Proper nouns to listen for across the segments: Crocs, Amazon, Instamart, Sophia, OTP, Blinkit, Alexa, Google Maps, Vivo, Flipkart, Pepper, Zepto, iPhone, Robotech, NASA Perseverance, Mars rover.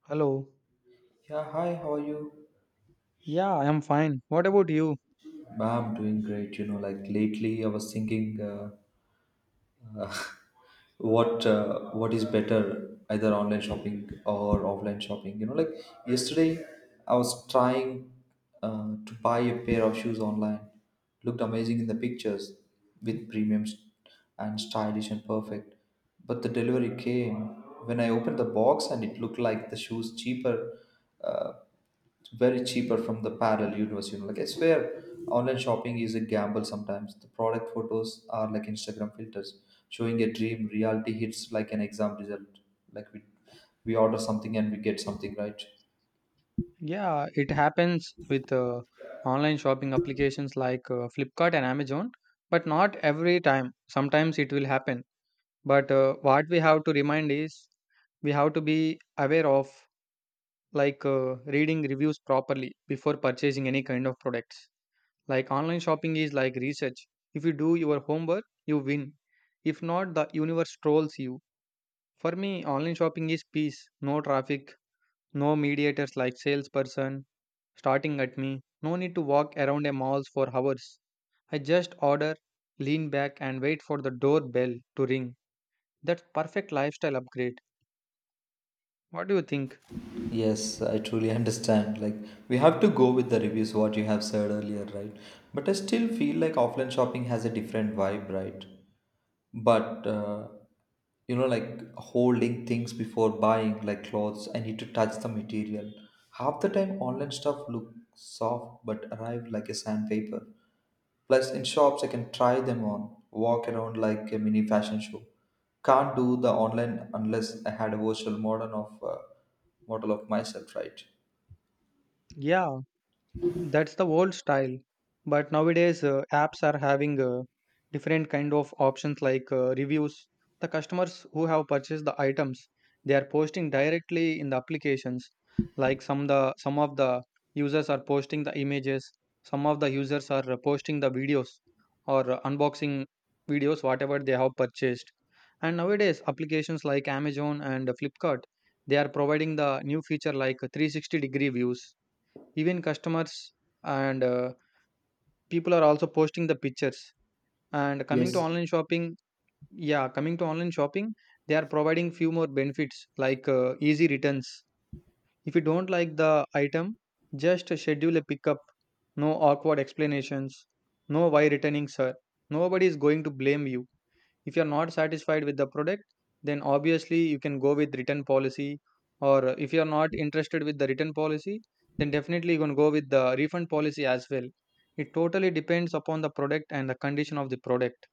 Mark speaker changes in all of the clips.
Speaker 1: Hello.
Speaker 2: Yeah, hi, how are you?
Speaker 1: Yeah, I am fine. What about you?
Speaker 2: I'm doing great. You know, like lately I was thinking uh, what is better, either online shopping or offline shopping. You know, like yesterday I was trying to buy a pair of shoes online. Looked amazing in the pictures with premiums and stylish and perfect. But the delivery came when I opened the box and it looked like the shoes cheaper. Uh, It's very cheaper from the parallel universe, you know. Like I swear, online shopping is a gamble sometimes. The product photos are like Instagram filters, showing a dream. Reality hits like an exam result. Like we order something and we get something, right?
Speaker 1: Yeah, it happens with online shopping applications like Flipkart and Amazon, but not every time. Sometimes it will happen. But what we have to remind is we have to be aware of, like reading reviews properly before purchasing any kind of products. Like online shopping is like research. If you do your homework, you win. If not, the universe trolls you. For me, online shopping is peace, no traffic, no mediators like salesperson starting at me. No need to walk around a mall for hours. I just order, lean back, and wait for the doorbell to ring. That's perfect lifestyle upgrade. What do you think?
Speaker 2: Yes, I truly understand. Like, we have to go with the reviews, what you have said earlier, right? But I still feel like offline shopping has a different vibe, right? but you know, like holding things before buying, like clothes, I need to touch the material. Half the time online stuff look soft but arrive like a sandpaper. Plus in shops I can try them on, walk around like a mini fashion show. Can't do the online unless I had a virtual model of myself, right?
Speaker 1: Yeah, that's the old style. But nowadays, apps are having different kind of options like reviews. The customers who have purchased the items, they are posting directly in the applications. Like some of the users are posting the images, some of the users are posting the videos or unboxing videos, whatever they have purchased. And nowadays, applications like Amazon and Flipkart, they are providing the new feature like 360-degree views, even customers and people are also posting the pictures, and coming to
Speaker 2: Yes.
Speaker 1: online shopping. Yeah, coming to online shopping, they are providing few more benefits like easy returns. If you don't like the item, just schedule a pickup. No awkward explanations, no why returning sir. Nobody is going to blame you. If you're not satisfied with the product, then obviously you can go with return policy. Or if you're not interested with the return policy, then definitely you can go with the refund policy as well. It totally depends upon the product and the condition of the product.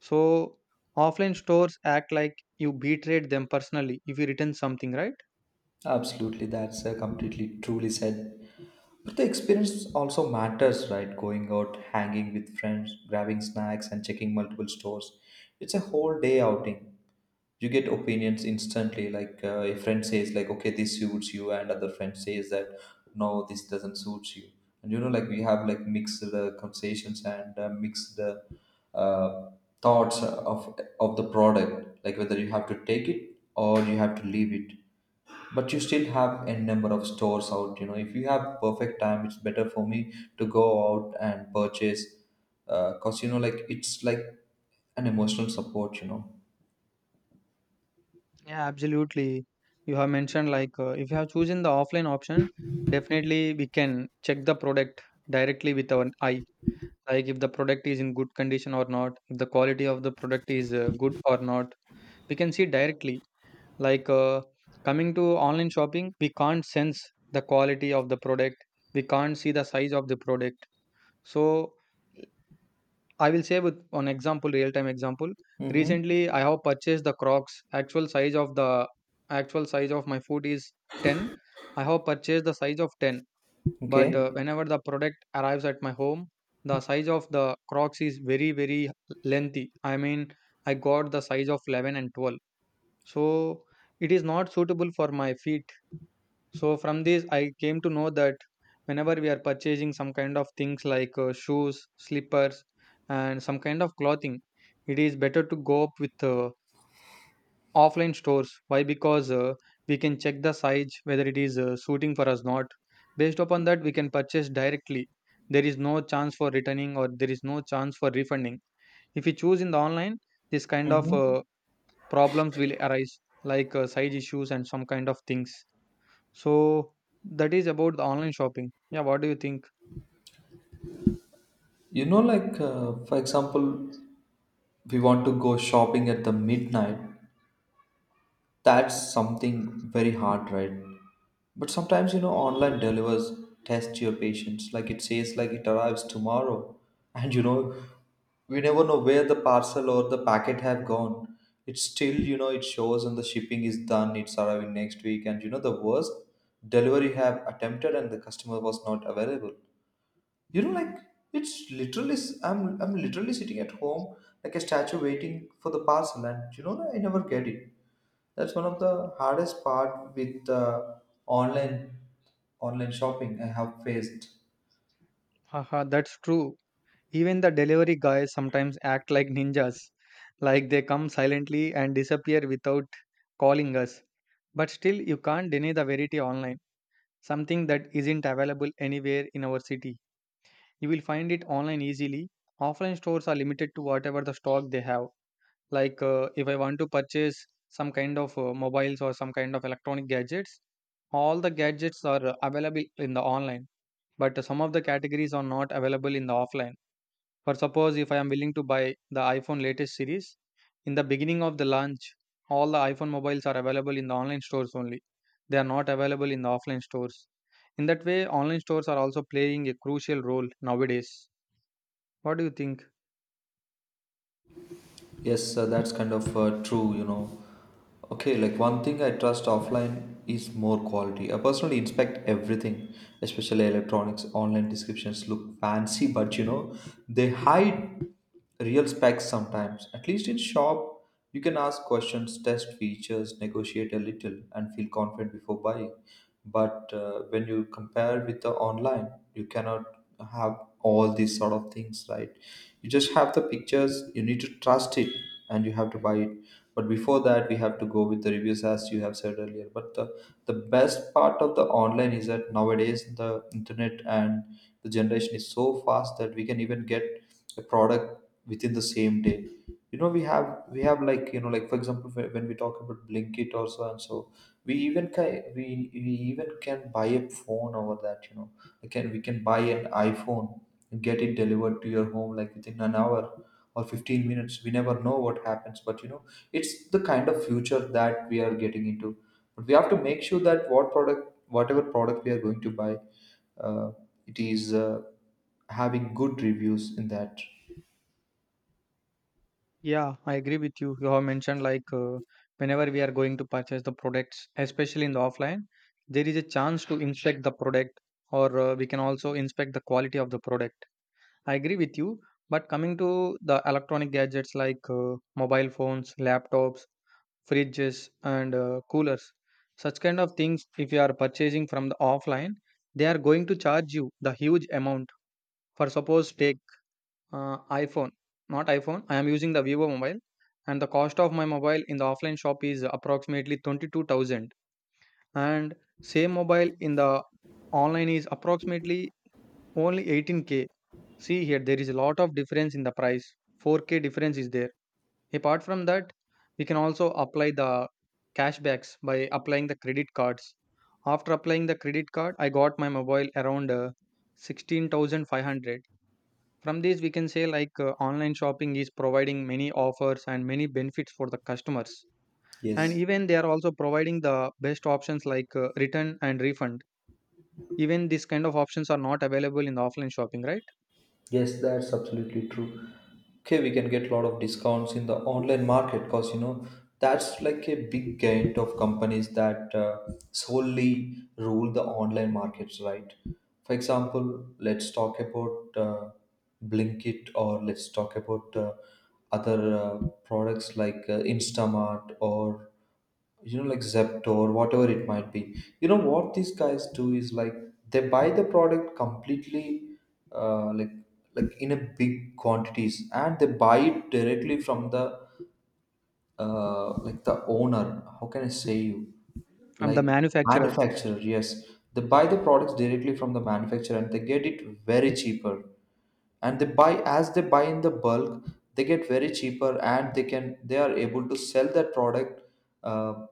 Speaker 1: So offline stores act like you betrayed them personally if you return something, right?
Speaker 2: Absolutely, that's completely truly said. But the experience also matters, right? Going out, hanging with friends, grabbing snacks, and checking multiple stores. It's a whole day outing. You get opinions instantly. Like a friend says, like, okay, this suits you, and other friend says that, no, this doesn't suit you. And you know, like we have like mixed conversations and mixed uh, thoughts of the product, like whether you have to take it or you have to leave it. But you still have a number of stores out, you know. If you have perfect time, it's better for me to go out and purchase, because you know, like it's like an emotional support, you know.
Speaker 1: Yeah, absolutely. You have mentioned, like if you have chosen the offline option, definitely we can check the product directly with our eye. Like, if the product is in good condition or not, if the quality of the product is good or not, we can see directly. Like coming to online shopping, we can't sense the quality of the product. We can't see the size of the product. So I will say with an example, real time example.
Speaker 2: Mm-hmm.
Speaker 1: Recently I have purchased the Crocs. actual size of the Actual size of my foot is 10. I have purchased the size of 10. But
Speaker 2: Okay.
Speaker 1: whenever the product arrives at my home, the size of the Crocs is very, very lengthy. I mean, I got the size of 11 and 12. So it is not suitable for my feet. So from this, I came to know that whenever we are purchasing some kind of things like shoes, slippers, and some kind of clothing, it is better to go up with offline stores. Why? Because we can check the size whether it is suiting for us not. Based upon that, we can purchase directly. There is no chance for returning, or there is no chance for refunding. If we choose in the online, this kind of
Speaker 2: Mm-hmm.
Speaker 1: problems will arise, like size issues and some kind of things. So that is about the online shopping. Yeah, what do you think?
Speaker 2: You know, like for example, we want to go shopping at the midnight. That's something very hard, right? But sometimes, you know, online delivers test your patience. Like it says, like it arrives tomorrow. And, you know, we never know where the parcel or the packet have gone. It's still, you know, it shows and the shipping is done. It's arriving next week. And, you know, the worst delivery have attempted and the customer was not available. You know, like it's literally, I'm literally sitting at home like a statue waiting for the parcel. And, you know, I never get it. That's one of the hardest part with online online shopping I have faced.
Speaker 1: Haha, that's true. Even the delivery guys sometimes act like ninjas, like they come silently and disappear without calling us. But still, you can't deny the variety online, something that isn't available anywhere in our city. You will find it online easily. Offline stores are limited to whatever the stock they have. Like if I want to purchase some kind of mobiles or some kind of electronic gadgets, all the gadgets are available in the online, but some of the categories are not available in the offline. For suppose, if I am willing to buy the iPhone latest series, in the beginning of the launch, all the iPhone mobiles are available in the online stores only. They are not available in the offline stores. In that way, online stores are also playing a crucial role nowadays. What do you think?
Speaker 2: Yes, that's kind of true, you know. Okay, like one thing I trust offline is more quality. I personally inspect everything, especially electronics. Online descriptions look fancy, but you know, they hide real specs sometimes. At least in shop, you can ask questions, test features, negotiate a little, and feel confident before buying. But when you compare with the online, you cannot have all these sort of things, right? You just have the pictures, you need to trust it, and you have to buy it. But before that, we have to go with the reviews, as you have said earlier. But the best part of the online is that nowadays the internet and the generation is so fast that we can even get a product within the same day. You know, we have like, you know, like for example, when we talk about Blinkit or so and so, we even can we even can buy a phone over that, you know. We can buy an iPhone and get it delivered to your home like within an hour or 15 minutes. We never know what happens, but you know, it's the kind of future that we are getting into. But we have to make sure that whatever product we are going to buy, uh, it is having good reviews in that.
Speaker 1: Yeah, I agree with you. You have mentioned, like whenever we are going to purchase the products, especially in the offline, there is a chance to inspect the product, or we can also inspect the quality of the product. I agree with you, but coming to the electronic gadgets like mobile phones, laptops, fridges, and coolers, such kind of things, if you are purchasing from the offline, they are going to charge you the huge amount. For suppose, take iPhone, not iPhone, I am using the Vivo mobile, and the cost of my mobile in the offline shop is approximately 22,000, and same mobile in the online is approximately only 18K. See here, there is a lot of difference in the price. 4K difference is there. Apart from that, we can also apply the cashbacks by applying the credit cards. After applying the credit card, I got my mobile around 16,500. From this, we can say like online shopping is providing many offers and many benefits for the customers. And
Speaker 2: Yes,
Speaker 1: even they are also providing the best options like return and refund. Even this kind of options are not available in the offline shopping, right?
Speaker 2: yes, that's absolutely true. Okay, we can get a lot of discounts in the online market, because you know, that's like a big gain of companies that solely rule the online markets, right? For example, let's talk about Blinkit, or let's talk about other products like Instamart, or you know, like Zepto or whatever it might be. You know what these guys do is like they buy the product completely, uh, like like in a big quantities, and they buy it directly from the, like the owner, how can I say you,
Speaker 1: From the
Speaker 2: like
Speaker 1: manufacturer.
Speaker 2: manufacturer, yes. They buy the products directly from the manufacturer and they get it very cheaper. And they buy as they buy in the bulk, they get very cheaper, and they are able to sell that product uh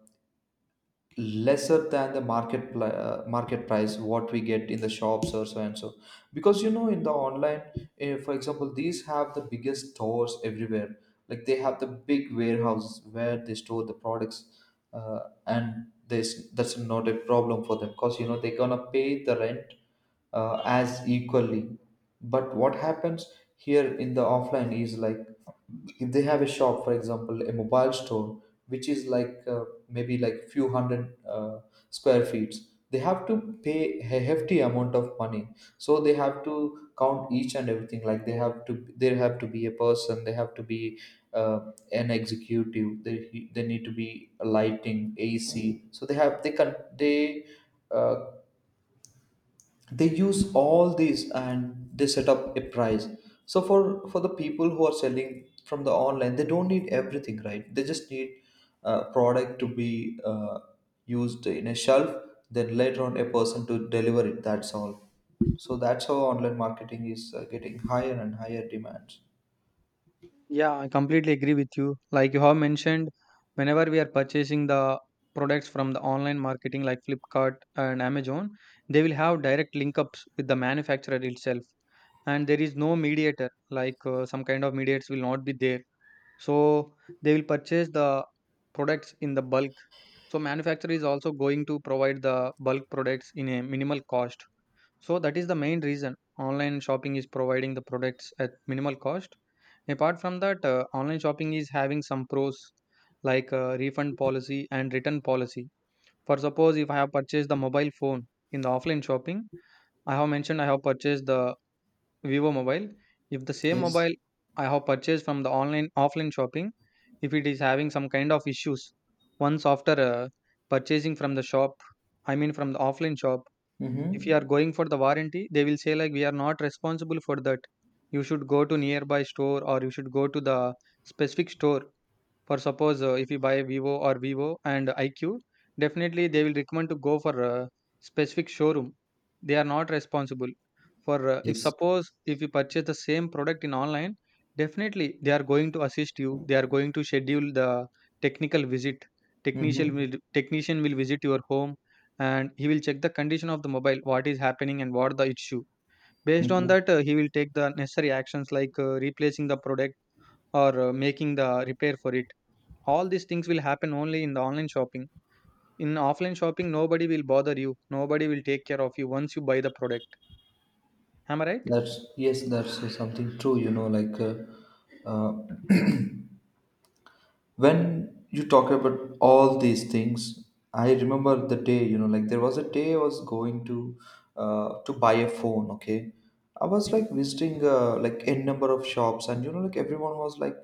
Speaker 2: lesser than the market price what we get in the shops or so and so. Because you know, in the online, for example, these have the biggest stores everywhere, like they have the big warehouse where they store the products. uh, and this, that's not a problem for them, because you know they're gonna pay the rent as equally. But what happens here in the offline is like, if they have a shop, for example, a mobile store, which is like maybe like few hundred square feet, they have to pay a hefty amount of money. So they have to count each and everything. Like there have to be a person, they have to be an executive, they need to be a lighting, AC. So they have they can they. Uh, they use all these and they set up a price. So for the people who are selling from the online, they don't need everything, right? They just need a product to be used in a shelf, then later on a person to deliver it, that's all. So that's how online marketing is getting higher and higher demands.
Speaker 1: Yeah, I completely agree with you. Like you have mentioned, whenever we are purchasing the products from the online marketing like Flipkart and Amazon, they will have direct link ups with the manufacturer itself. And there is no mediator, like some kind of mediators will not be there. So they will purchase the products in the bulk. So manufacturer is also going to provide the bulk products in a minimal cost. So that is the main reason online shopping is providing the products at minimal cost. Apart from that, online shopping is having some pros like refund policy and return policy. For suppose, if I have purchased the mobile phone in the offline shopping, I have mentioned I have purchased the Vivo mobile. If the same
Speaker 2: Yes.
Speaker 1: mobile I have purchased from the online offline shopping, if it is having some kind of issues, once after purchasing from the shop, I mean from the offline shop, if you are
Speaker 2: Mm-hmm.
Speaker 1: going for the warranty, they will say like we are not responsible for that. You should go to nearby store, or you should go to the specific store. For suppose, if you buy Vivo or Vivo and iQ, definitely they will recommend to go for a specific showroom. They are not responsible for, if
Speaker 2: Yes.
Speaker 1: suppose if you purchase the same product in online, definitely they are going to assist you. They are going to schedule the technical visit. technician
Speaker 2: Mm-hmm.
Speaker 1: will Technician will visit your home, and he will check the condition of the mobile, what is happening and what the issue. Based on
Speaker 2: Okay.
Speaker 1: that, he will take the necessary actions like replacing the product or making the repair for it. All these things will happen only in the online shopping. In offline shopping, nobody will bother you, nobody will take care of you once you buy the product, am I right?
Speaker 2: That's, yes, that's something true, you know, like uh, when you talk about all these things, I remember the day, you know. Like there was a day I was going to buy a phone, okay? I was like visiting like n number of shops, and you know, like everyone was like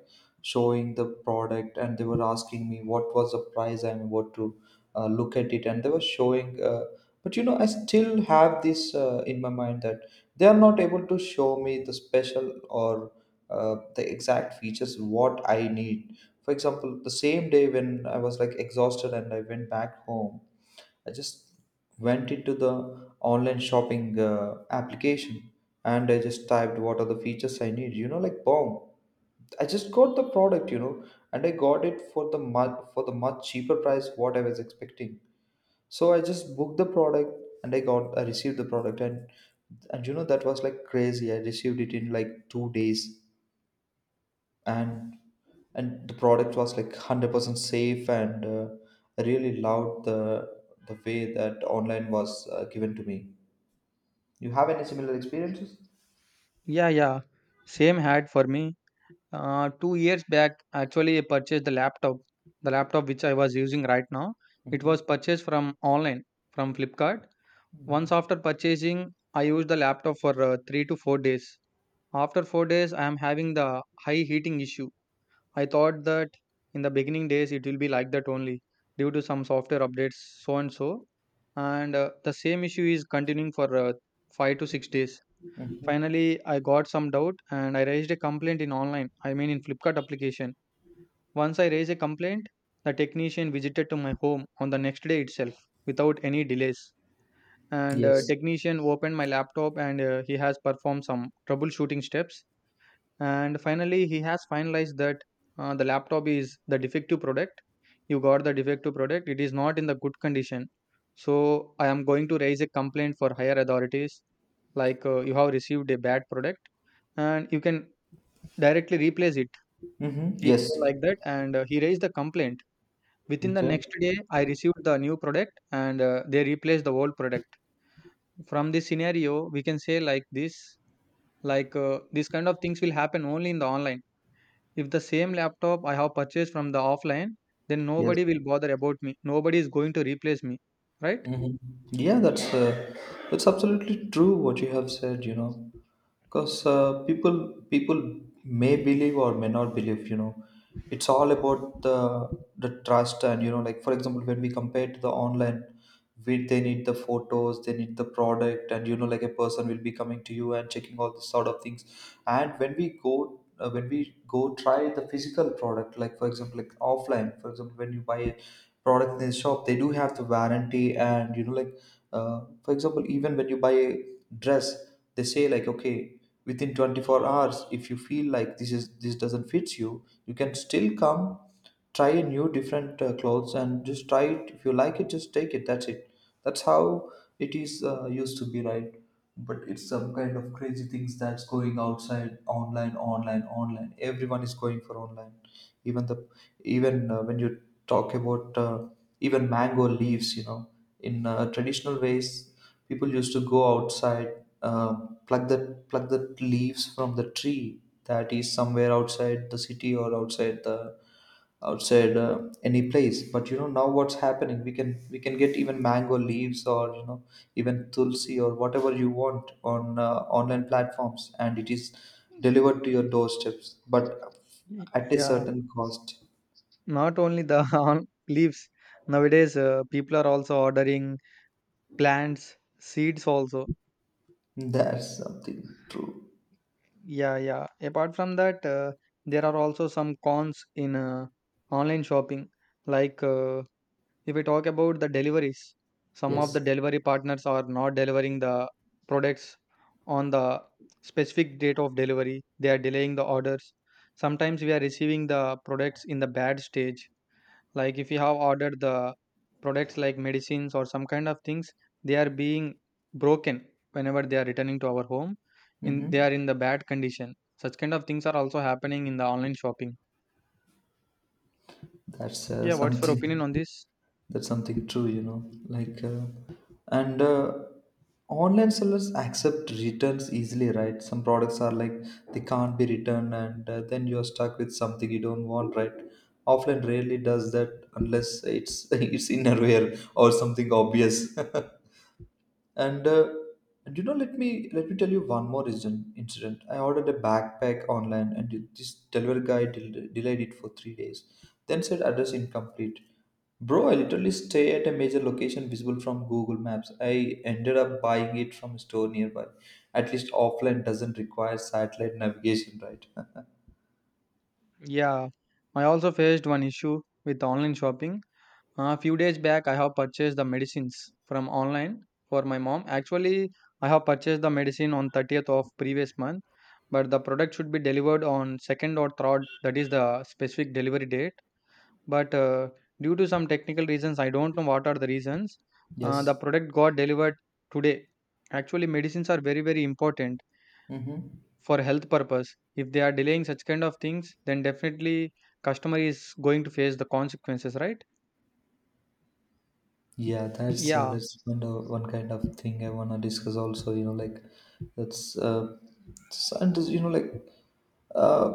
Speaker 2: showing the product and they were asking me what was the price and what to look at it, and they were showing but you know, I still have this in my mind that they are not able to show me the special or the exact features what I need. For example, the same day when I was like exhausted and I went back home, I just went into the online shopping application, and I just typed what are the features I need. You know, like bomb. I just got the product, you know, and I got it for the much cheaper price what I was expecting. So I just booked the product, and I received the product. And you know, that was like crazy. I received it in like 2 days, and and the product was like 100% safe, and I really loved the way that online was given to me. You have any similar experiences?
Speaker 1: Yeah, yeah, same had for me. 2 years back, actually, I purchased the laptop which I was using right now. It
Speaker 2: Mm-hmm.
Speaker 1: was purchased from online, from Flipkart. Once after purchasing, I used the laptop for 3 to 4 days. After 4 days, I am having the high heating issue. I thought that in the beginning days it will be like that only, due to some software updates, so and so. And the same issue is continuing for 5 to 6 days.
Speaker 2: Mm-hmm.
Speaker 1: Finally, I got some doubt and I raised a complaint in online, I mean in Flipkart application. Once I raised a complaint, the technician visited to my home on the next day itself without any delays. And
Speaker 2: Yes.
Speaker 1: technician opened my laptop, and he has performed some troubleshooting steps. And finally, he has finalized that the laptop is the defective product. You got the defective product. It is not in the good condition. So I am going to raise a complaint for higher authorities. Like, you have received a bad product, and you can directly replace it.
Speaker 2: Mm-hmm.
Speaker 1: He
Speaker 2: Yes.
Speaker 1: told like that, and he raised the complaint. Within the
Speaker 2: Okay.
Speaker 1: next day, I received the new product, and they replaced the old product. From this scenario, we can say like this kind of things will happen only in the online. If the same laptop I have purchased from the offline, then
Speaker 2: Yes.
Speaker 1: nobody will bother about me. Nobody is going to replace me, right?
Speaker 2: Hmm. Yeah, that's absolutely true what you have said. You know, because people may believe or may not believe. You know, it's all about the trust. And you know, like for example, when we compare to the online, we, they need the photos, they need the product, and you know, like a person will be coming to you and checking all this sort of things. And when we go try the physical product, like for example, like offline, for example, when you buy a product in the shop, they do have the warranty. And you know, like for example, even when you buy a dress, they say like, okay, within 24 hours, if you feel like this doesn't fit you, you can still come try a new different clothes, and just try it, if you like it just take it, that's it. That's how it is used to be, right? But it's some kind of crazy things that's going outside. Online, online, online, everyone is going for online. Even the, even when you talk about even mango leaves, you know, in traditional ways, people used to go outside, uh, pluck the pluck the leaves from the tree that is somewhere outside the city or outside the, outside any place. But you know, now what's happening? We can get even mango leaves, or even tulsi, or whatever you want on online platforms, and it is delivered to your doorsteps, but at a
Speaker 1: Yeah,
Speaker 2: certain cost.
Speaker 1: not only the on leaves. Nowadays, people are also ordering plants, seeds also.
Speaker 2: That's something true.
Speaker 1: Yeah, yeah. Apart from that, there are also some cons in online shopping, like. If we talk about the deliveries, some of the
Speaker 2: Yes.
Speaker 1: delivery partners are not delivering the products on the specific date of delivery. They are delaying the orders. Sometimes we are receiving the products in the bad stage. Like if you have ordered the products like medicines or some kind of things, they are being broken whenever they are returning to our home. In they
Speaker 2: Mm-hmm.
Speaker 1: are in the bad condition. Such kind of things are also happening in the online shopping.
Speaker 2: That's
Speaker 1: Yeah, what's your opinion
Speaker 2: something.
Speaker 1: on this?
Speaker 2: That's something true, like, and online sellers accept returns easily, right? Some products are like, they can't be returned, and then you're stuck with something you don't want, right? Offline rarely does that unless it's it's innerwear or something obvious And let me tell you one more incident. I ordered a backpack online, and this delivery guy delayed it for 3 days. Then said address incomplete. Bro, I literally stay at a major location visible from Google Maps. I ended up buying it from a store nearby. At least offline doesn't require satellite navigation, right?
Speaker 1: Yeah, I also faced one issue with online shopping. A few days back, I have purchased the medicines from online for my mom. Actually, I have purchased the medicine on 30th of previous month, but the product should be delivered on 2nd or 3rd, that is the specific delivery date. But Due to some technical reasons, I don't know what are the reasons, the
Speaker 2: Yes.
Speaker 1: product got delivered today. Actually, medicines are very, very important
Speaker 2: Mm-hmm.
Speaker 1: for health purpose. If they are delaying such kind of things, then definitely customer is going to face the consequences, right?
Speaker 2: Yeah, that's uh,
Speaker 1: Yeah,
Speaker 2: that's one kind of thing I wanna discuss also. You know, like, that's scientists. You know, like, uh,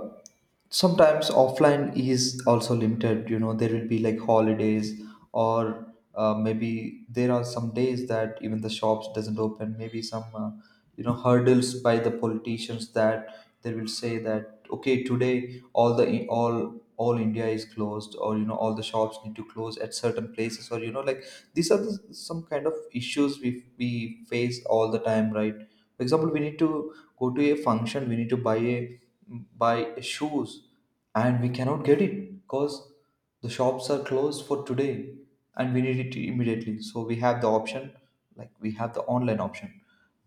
Speaker 2: sometimes offline is also limited. You know, there will be like holidays, or maybe there are some days that even the shops doesn't open. Maybe some hurdles by the politicians that they will say that, okay, today all the all India is closed, or all the shops need to close at certain places, or like, these are some kind of issues we face all the time, right? For example, we need to go to a function, we need to buy shoes, and we cannot get it because the shops are closed for today, and we need it immediately, so we have the option, like, we have the online option,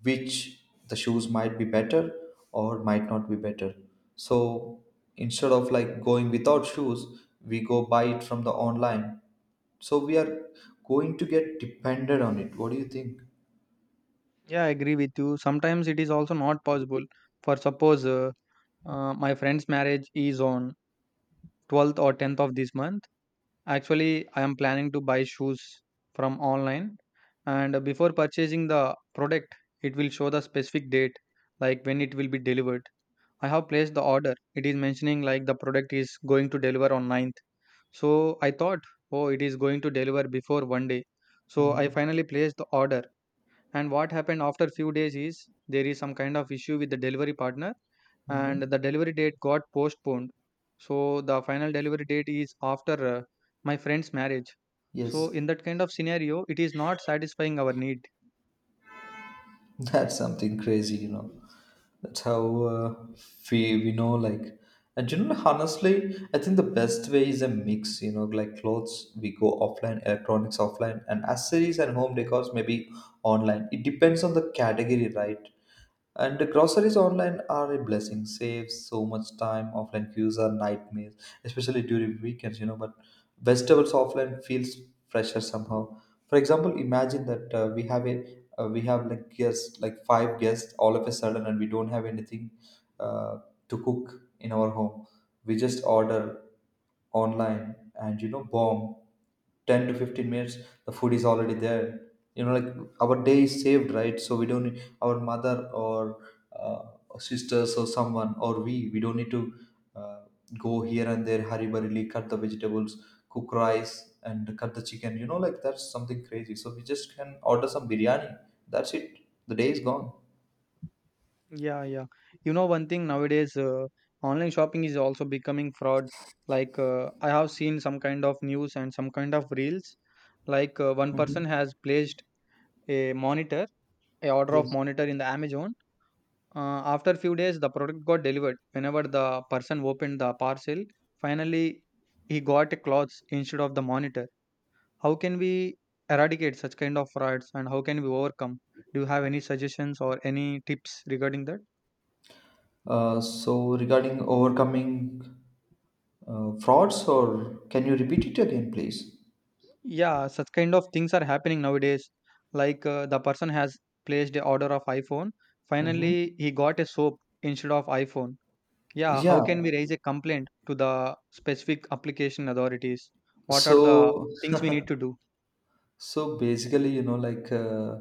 Speaker 2: which, the shoes might be better or might not be better. So instead of like going without shoes, we go buy it from the online, so we are going to get dependent on it. What do you think?
Speaker 1: yeah, I agree with you. Sometimes it is also not possible. For suppose, uh, my friend's marriage is on 12th or 10th of this month. Actually, I am planning to buy shoes from online, and before purchasing the product, it will show the specific date, like when it will be delivered. I have placed the order. It is mentioning like the product is going to deliver on ninth. So I thought, oh, it is going to deliver before one day. So I
Speaker 2: Mm-hmm.
Speaker 1: finally placed the order. And what happened after few days is there is some kind of issue with the delivery partner, and
Speaker 2: Mm-hmm.
Speaker 1: the delivery date got postponed. So the final delivery date is after my friend's marriage. So
Speaker 2: Yes.
Speaker 1: in that kind of scenario, it is not satisfying our need.
Speaker 2: That's something crazy, you know. That's how we know, like, and honestly, I think the best way is a mix. You know, like, clothes we go offline, electronics offline, and accessories and home decors maybe online. It depends on the category, right? And the groceries online are a blessing, saves so much time. Offline queues are nightmares, especially during weekends. But vegetables offline feels fresher somehow. For example, imagine that we have like guests, like five guests, all of a sudden, and we don't have anything uh, to cook in our home. We just order online and, bomb, 10 to 15 minutes the food is already there, like, our day is saved, right? So we don't need our mother or uh, sisters or someone, or we don't need to uh, go here and there, hurry burriedly cut the vegetables, cook rice, and cut the chicken, like, that's something crazy. So we just can order some biryani, that's it, the day is gone.
Speaker 1: Yeah, yeah. You know, one thing nowadays, online shopping is also becoming fraud. Like, I have seen some kind of news and some kind of reels. Like, one person
Speaker 2: Hmm.
Speaker 1: has placed a monitor, a order of
Speaker 2: Yes.
Speaker 1: monitor in the Amazon. After few days, the product got delivered. Whenever the person opened the parcel, finally he got a clothes instead of the monitor. How can we eradicate such kind of frauds and how can we overcome? Do you have any suggestions or any tips regarding that?
Speaker 2: So regarding overcoming frauds, or can you repeat it again, please?
Speaker 1: Yeah, such kind of things are happening nowadays. Like the person has placed a order of iPhone.
Speaker 2: Mm-hmm.
Speaker 1: Finally, he got a soap instead of iPhone. Yeah, how
Speaker 2: Yeah.
Speaker 1: can we raise a complaint to the specific application authorities? What are the
Speaker 2: So,
Speaker 1: things we need to do?
Speaker 2: so basically, like,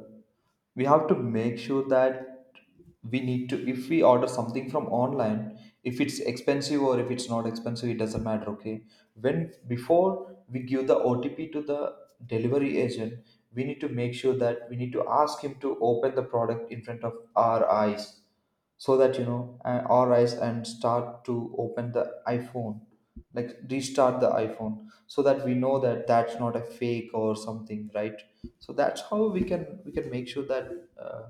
Speaker 2: we have to make sure that, we need to, if we order something from online, if it's expensive or if it's not expensive, it doesn't matter. Okay. When before we give the OTP to the delivery agent, we need to make sure that we need to ask him to open the product in front of our eyes. So that our eyes and start to open the iPhone, like, restart the iPhone so that we know that that's not a fake or something, right? So that's how we can make sure that uh,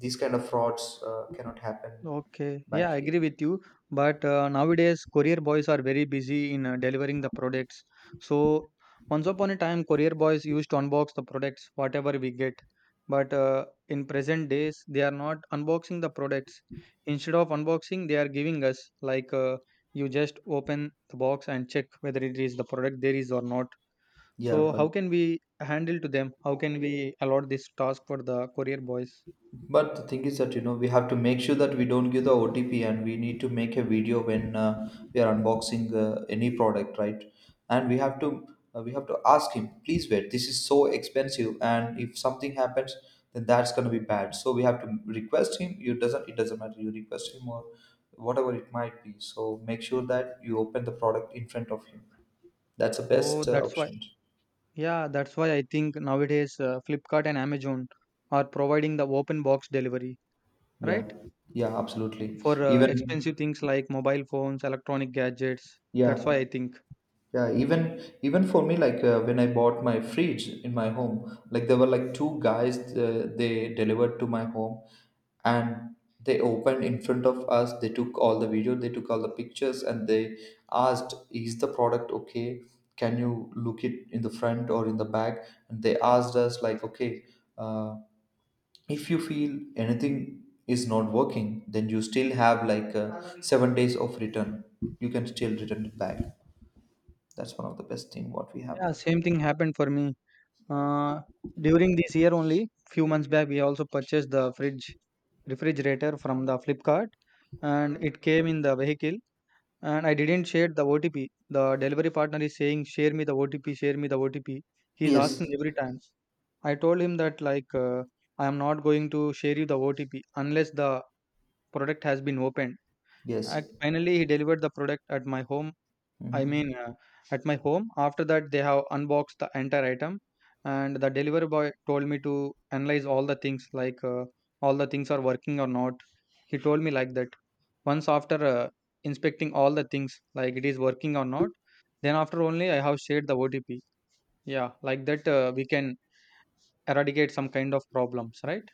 Speaker 2: these kind of frauds cannot happen
Speaker 1: Okay,
Speaker 2: back
Speaker 1: yeah, I
Speaker 2: here.
Speaker 1: agree with you. But Nowadays, courier boys are very busy in delivering the products. So, once upon a time, courier boys used to unbox the products, whatever we get. But In present days, they are not unboxing the products. Instead of unboxing, they are giving us like you just open the box and check whether it is the product there is or not.
Speaker 2: Yeah,
Speaker 1: So, how
Speaker 2: but
Speaker 1: can we handle to them? How can we allot this task for the courier boys?
Speaker 2: But the thing is that, you know, we have to make sure that we don't give the OTP, and we need to make a video when we are unboxing any product, right? And we have to ask him, please wait. This is so expensive, and if something happens, then that's gonna be bad. So we have to request him. You doesn't, it doesn't matter. You request him or whatever it might be. So make sure that you open the product in front of him. That's the
Speaker 1: Oh,
Speaker 2: best
Speaker 1: that's why.
Speaker 2: option.
Speaker 1: Yeah, that's why I think nowadays Flipkart and Amazon are providing the open box delivery,
Speaker 2: Yeah,
Speaker 1: right?
Speaker 2: yeah, absolutely.
Speaker 1: For
Speaker 2: Even
Speaker 1: expensive things like mobile phones, electronic gadgets. That's why
Speaker 2: yeah,
Speaker 1: I think.
Speaker 2: Yeah, even even for me, like, when I bought my fridge in my home, like there were like two guys they delivered to my home, and they opened in front of us. They took all the video, they took all the pictures, and they asked, "Is the product okay? Can you look it in the front or in the back?" And they asked us like, "Okay, uh, if you feel anything is not working, then you still have like 7 days of return. You can still return it back." That's one of the best thing what we have
Speaker 1: Yeah,
Speaker 2: there.
Speaker 1: same thing happened for me. Uh, During this year only, few months back, we also purchased the fridge refrigerator from the Flipkart, and it came in the vehicle. And I didn't share the OTP. The delivery partner is saying, "Share me the OTP. Share me the OTP." He's
Speaker 2: Yes,
Speaker 1: asking every time. I told him that like I am not going to share you the OTP unless the product has been opened.
Speaker 2: yes.
Speaker 1: And finally, he delivered the product at my home. I mean,
Speaker 2: Hmm.
Speaker 1: at my home. After that, they have unboxed the entire item, and the delivery boy told me to analyze all the things like all the things are working or not. He told me like that. Once after inspecting all the things, like it is working or not, then after only I have shared the OTP. Yeah, like that we can eradicate some kind of problems, right?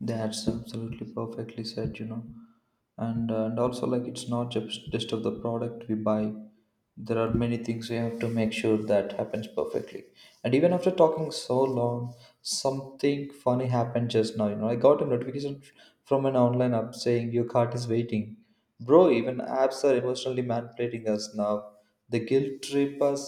Speaker 2: That's absolutely perfectly said. You know, and also, like, it's not just of the product we buy, there are many things we have to make sure that happens perfectly. And even after talking so long, something funny happened just now, I got a notification from an online app saying, your cart is waiting. Bro, even apps are emotionally manipulating us now. The guilt trip us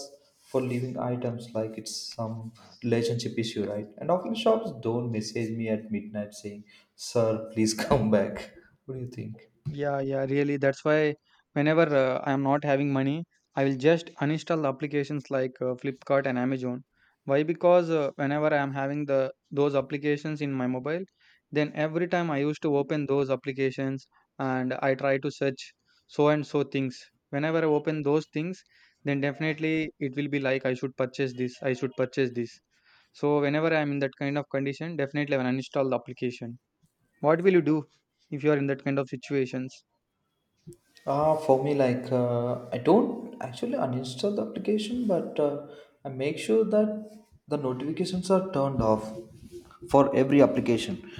Speaker 2: for leaving items like it's some relationship issue, right? And often shops don't message me at midnight saying, sir, please come back. What do you think?
Speaker 1: Yeah, yeah, really. That's why whenever I'm not having money, I will just uninstall applications like Flipkart and Amazon. Why? Because whenever I am having the those applications in my mobile, then every time I used to open those applications and I try to search so and so things. Whenever I open those things, then definitely it will be like I should purchase this, I should purchase this. So whenever I'm in that kind of condition, definitely I will uninstall the application. What will you do if you are in that kind of situations?
Speaker 2: For me, like, I don't actually uninstall the application, but I make sure that the notifications are turned off for every application.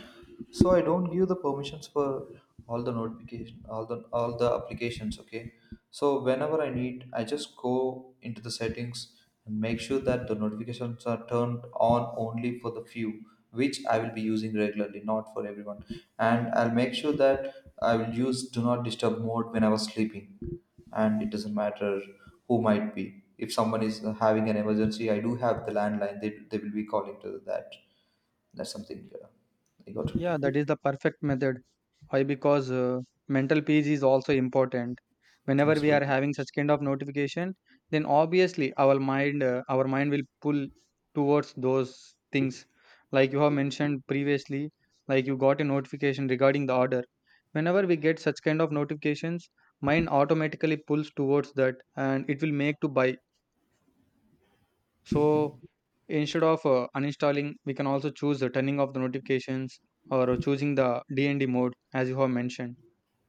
Speaker 2: So I don't give the permissions for all the notification, all the applications. Okay, so whenever I need, I just go into the settings and make sure that the notifications are turned on only for the few which I will be using regularly, not for everyone. And I'll make sure that I will use do not disturb mode when I was sleeping, and it doesn't matter who might be. If someone is having an emergency, I do have the landline. They will be calling to that. That's something I got to
Speaker 1: Yeah,
Speaker 2: do.
Speaker 1: that is the perfect method. Why? Because mental peace is also important. Whenever we are
Speaker 2: Absolutely.
Speaker 1: having such kind of notification, then obviously our mind will pull towards those things. Like you have mentioned previously, like you got a notification regarding the order. Whenever we get such kind of notifications, mind automatically pulls towards that, and it will make to buy. So instead of uninstalling, we can also choose the turning off the notifications or choosing the DND mode as you have mentioned.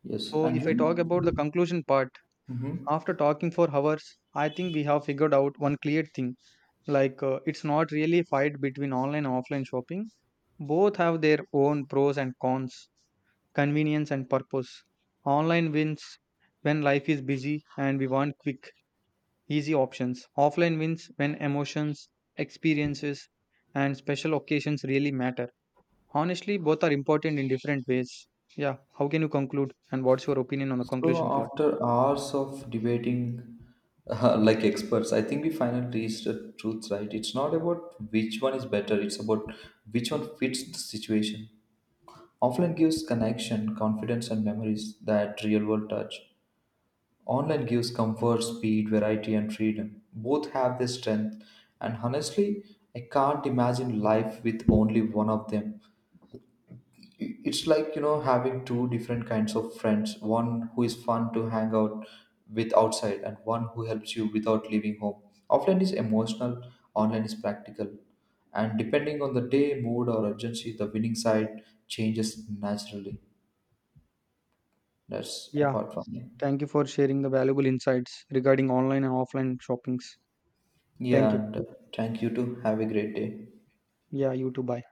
Speaker 2: Yes,
Speaker 1: So
Speaker 2: and
Speaker 1: if I
Speaker 2: you.
Speaker 1: talk about the conclusion part,
Speaker 2: Mm-hmm.
Speaker 1: after talking for hours, I think we have figured out one clear thing. Like it's not really a fight between online and offline shopping. Both have their own pros and cons, convenience and purpose. Online wins when life is busy and we want quick easy options. Offline wins when emotions, experiences, and special occasions really matter. Honestly, both are important in different ways. Yeah, how can you conclude? And what's your opinion on the
Speaker 2: So
Speaker 1: conclusion part?
Speaker 2: after hours of debating, like experts, I think we finally reached the truth, right? It's not about which one is better, it's about which one fits the situation. Offline gives connection, confidence, and memories that real world touch. Online gives comfort, speed, variety, and freedom. Both have their strength, and honestly, I can't imagine life with only one of them. It's like, you know, having two different kinds of friends, one who is fun to hang out with outside and one who helps you without leaving home. Offline is emotional, online is practical, and depending on the day, mood, or urgency, the winning side changes naturally. That's
Speaker 1: Yeah,
Speaker 2: apart from me.
Speaker 1: thank you for sharing the valuable insights regarding online and offline shoppings. Thank
Speaker 2: Yeah,
Speaker 1: you.
Speaker 2: and thank you too, have a great day.
Speaker 1: Yeah, you too. Bye.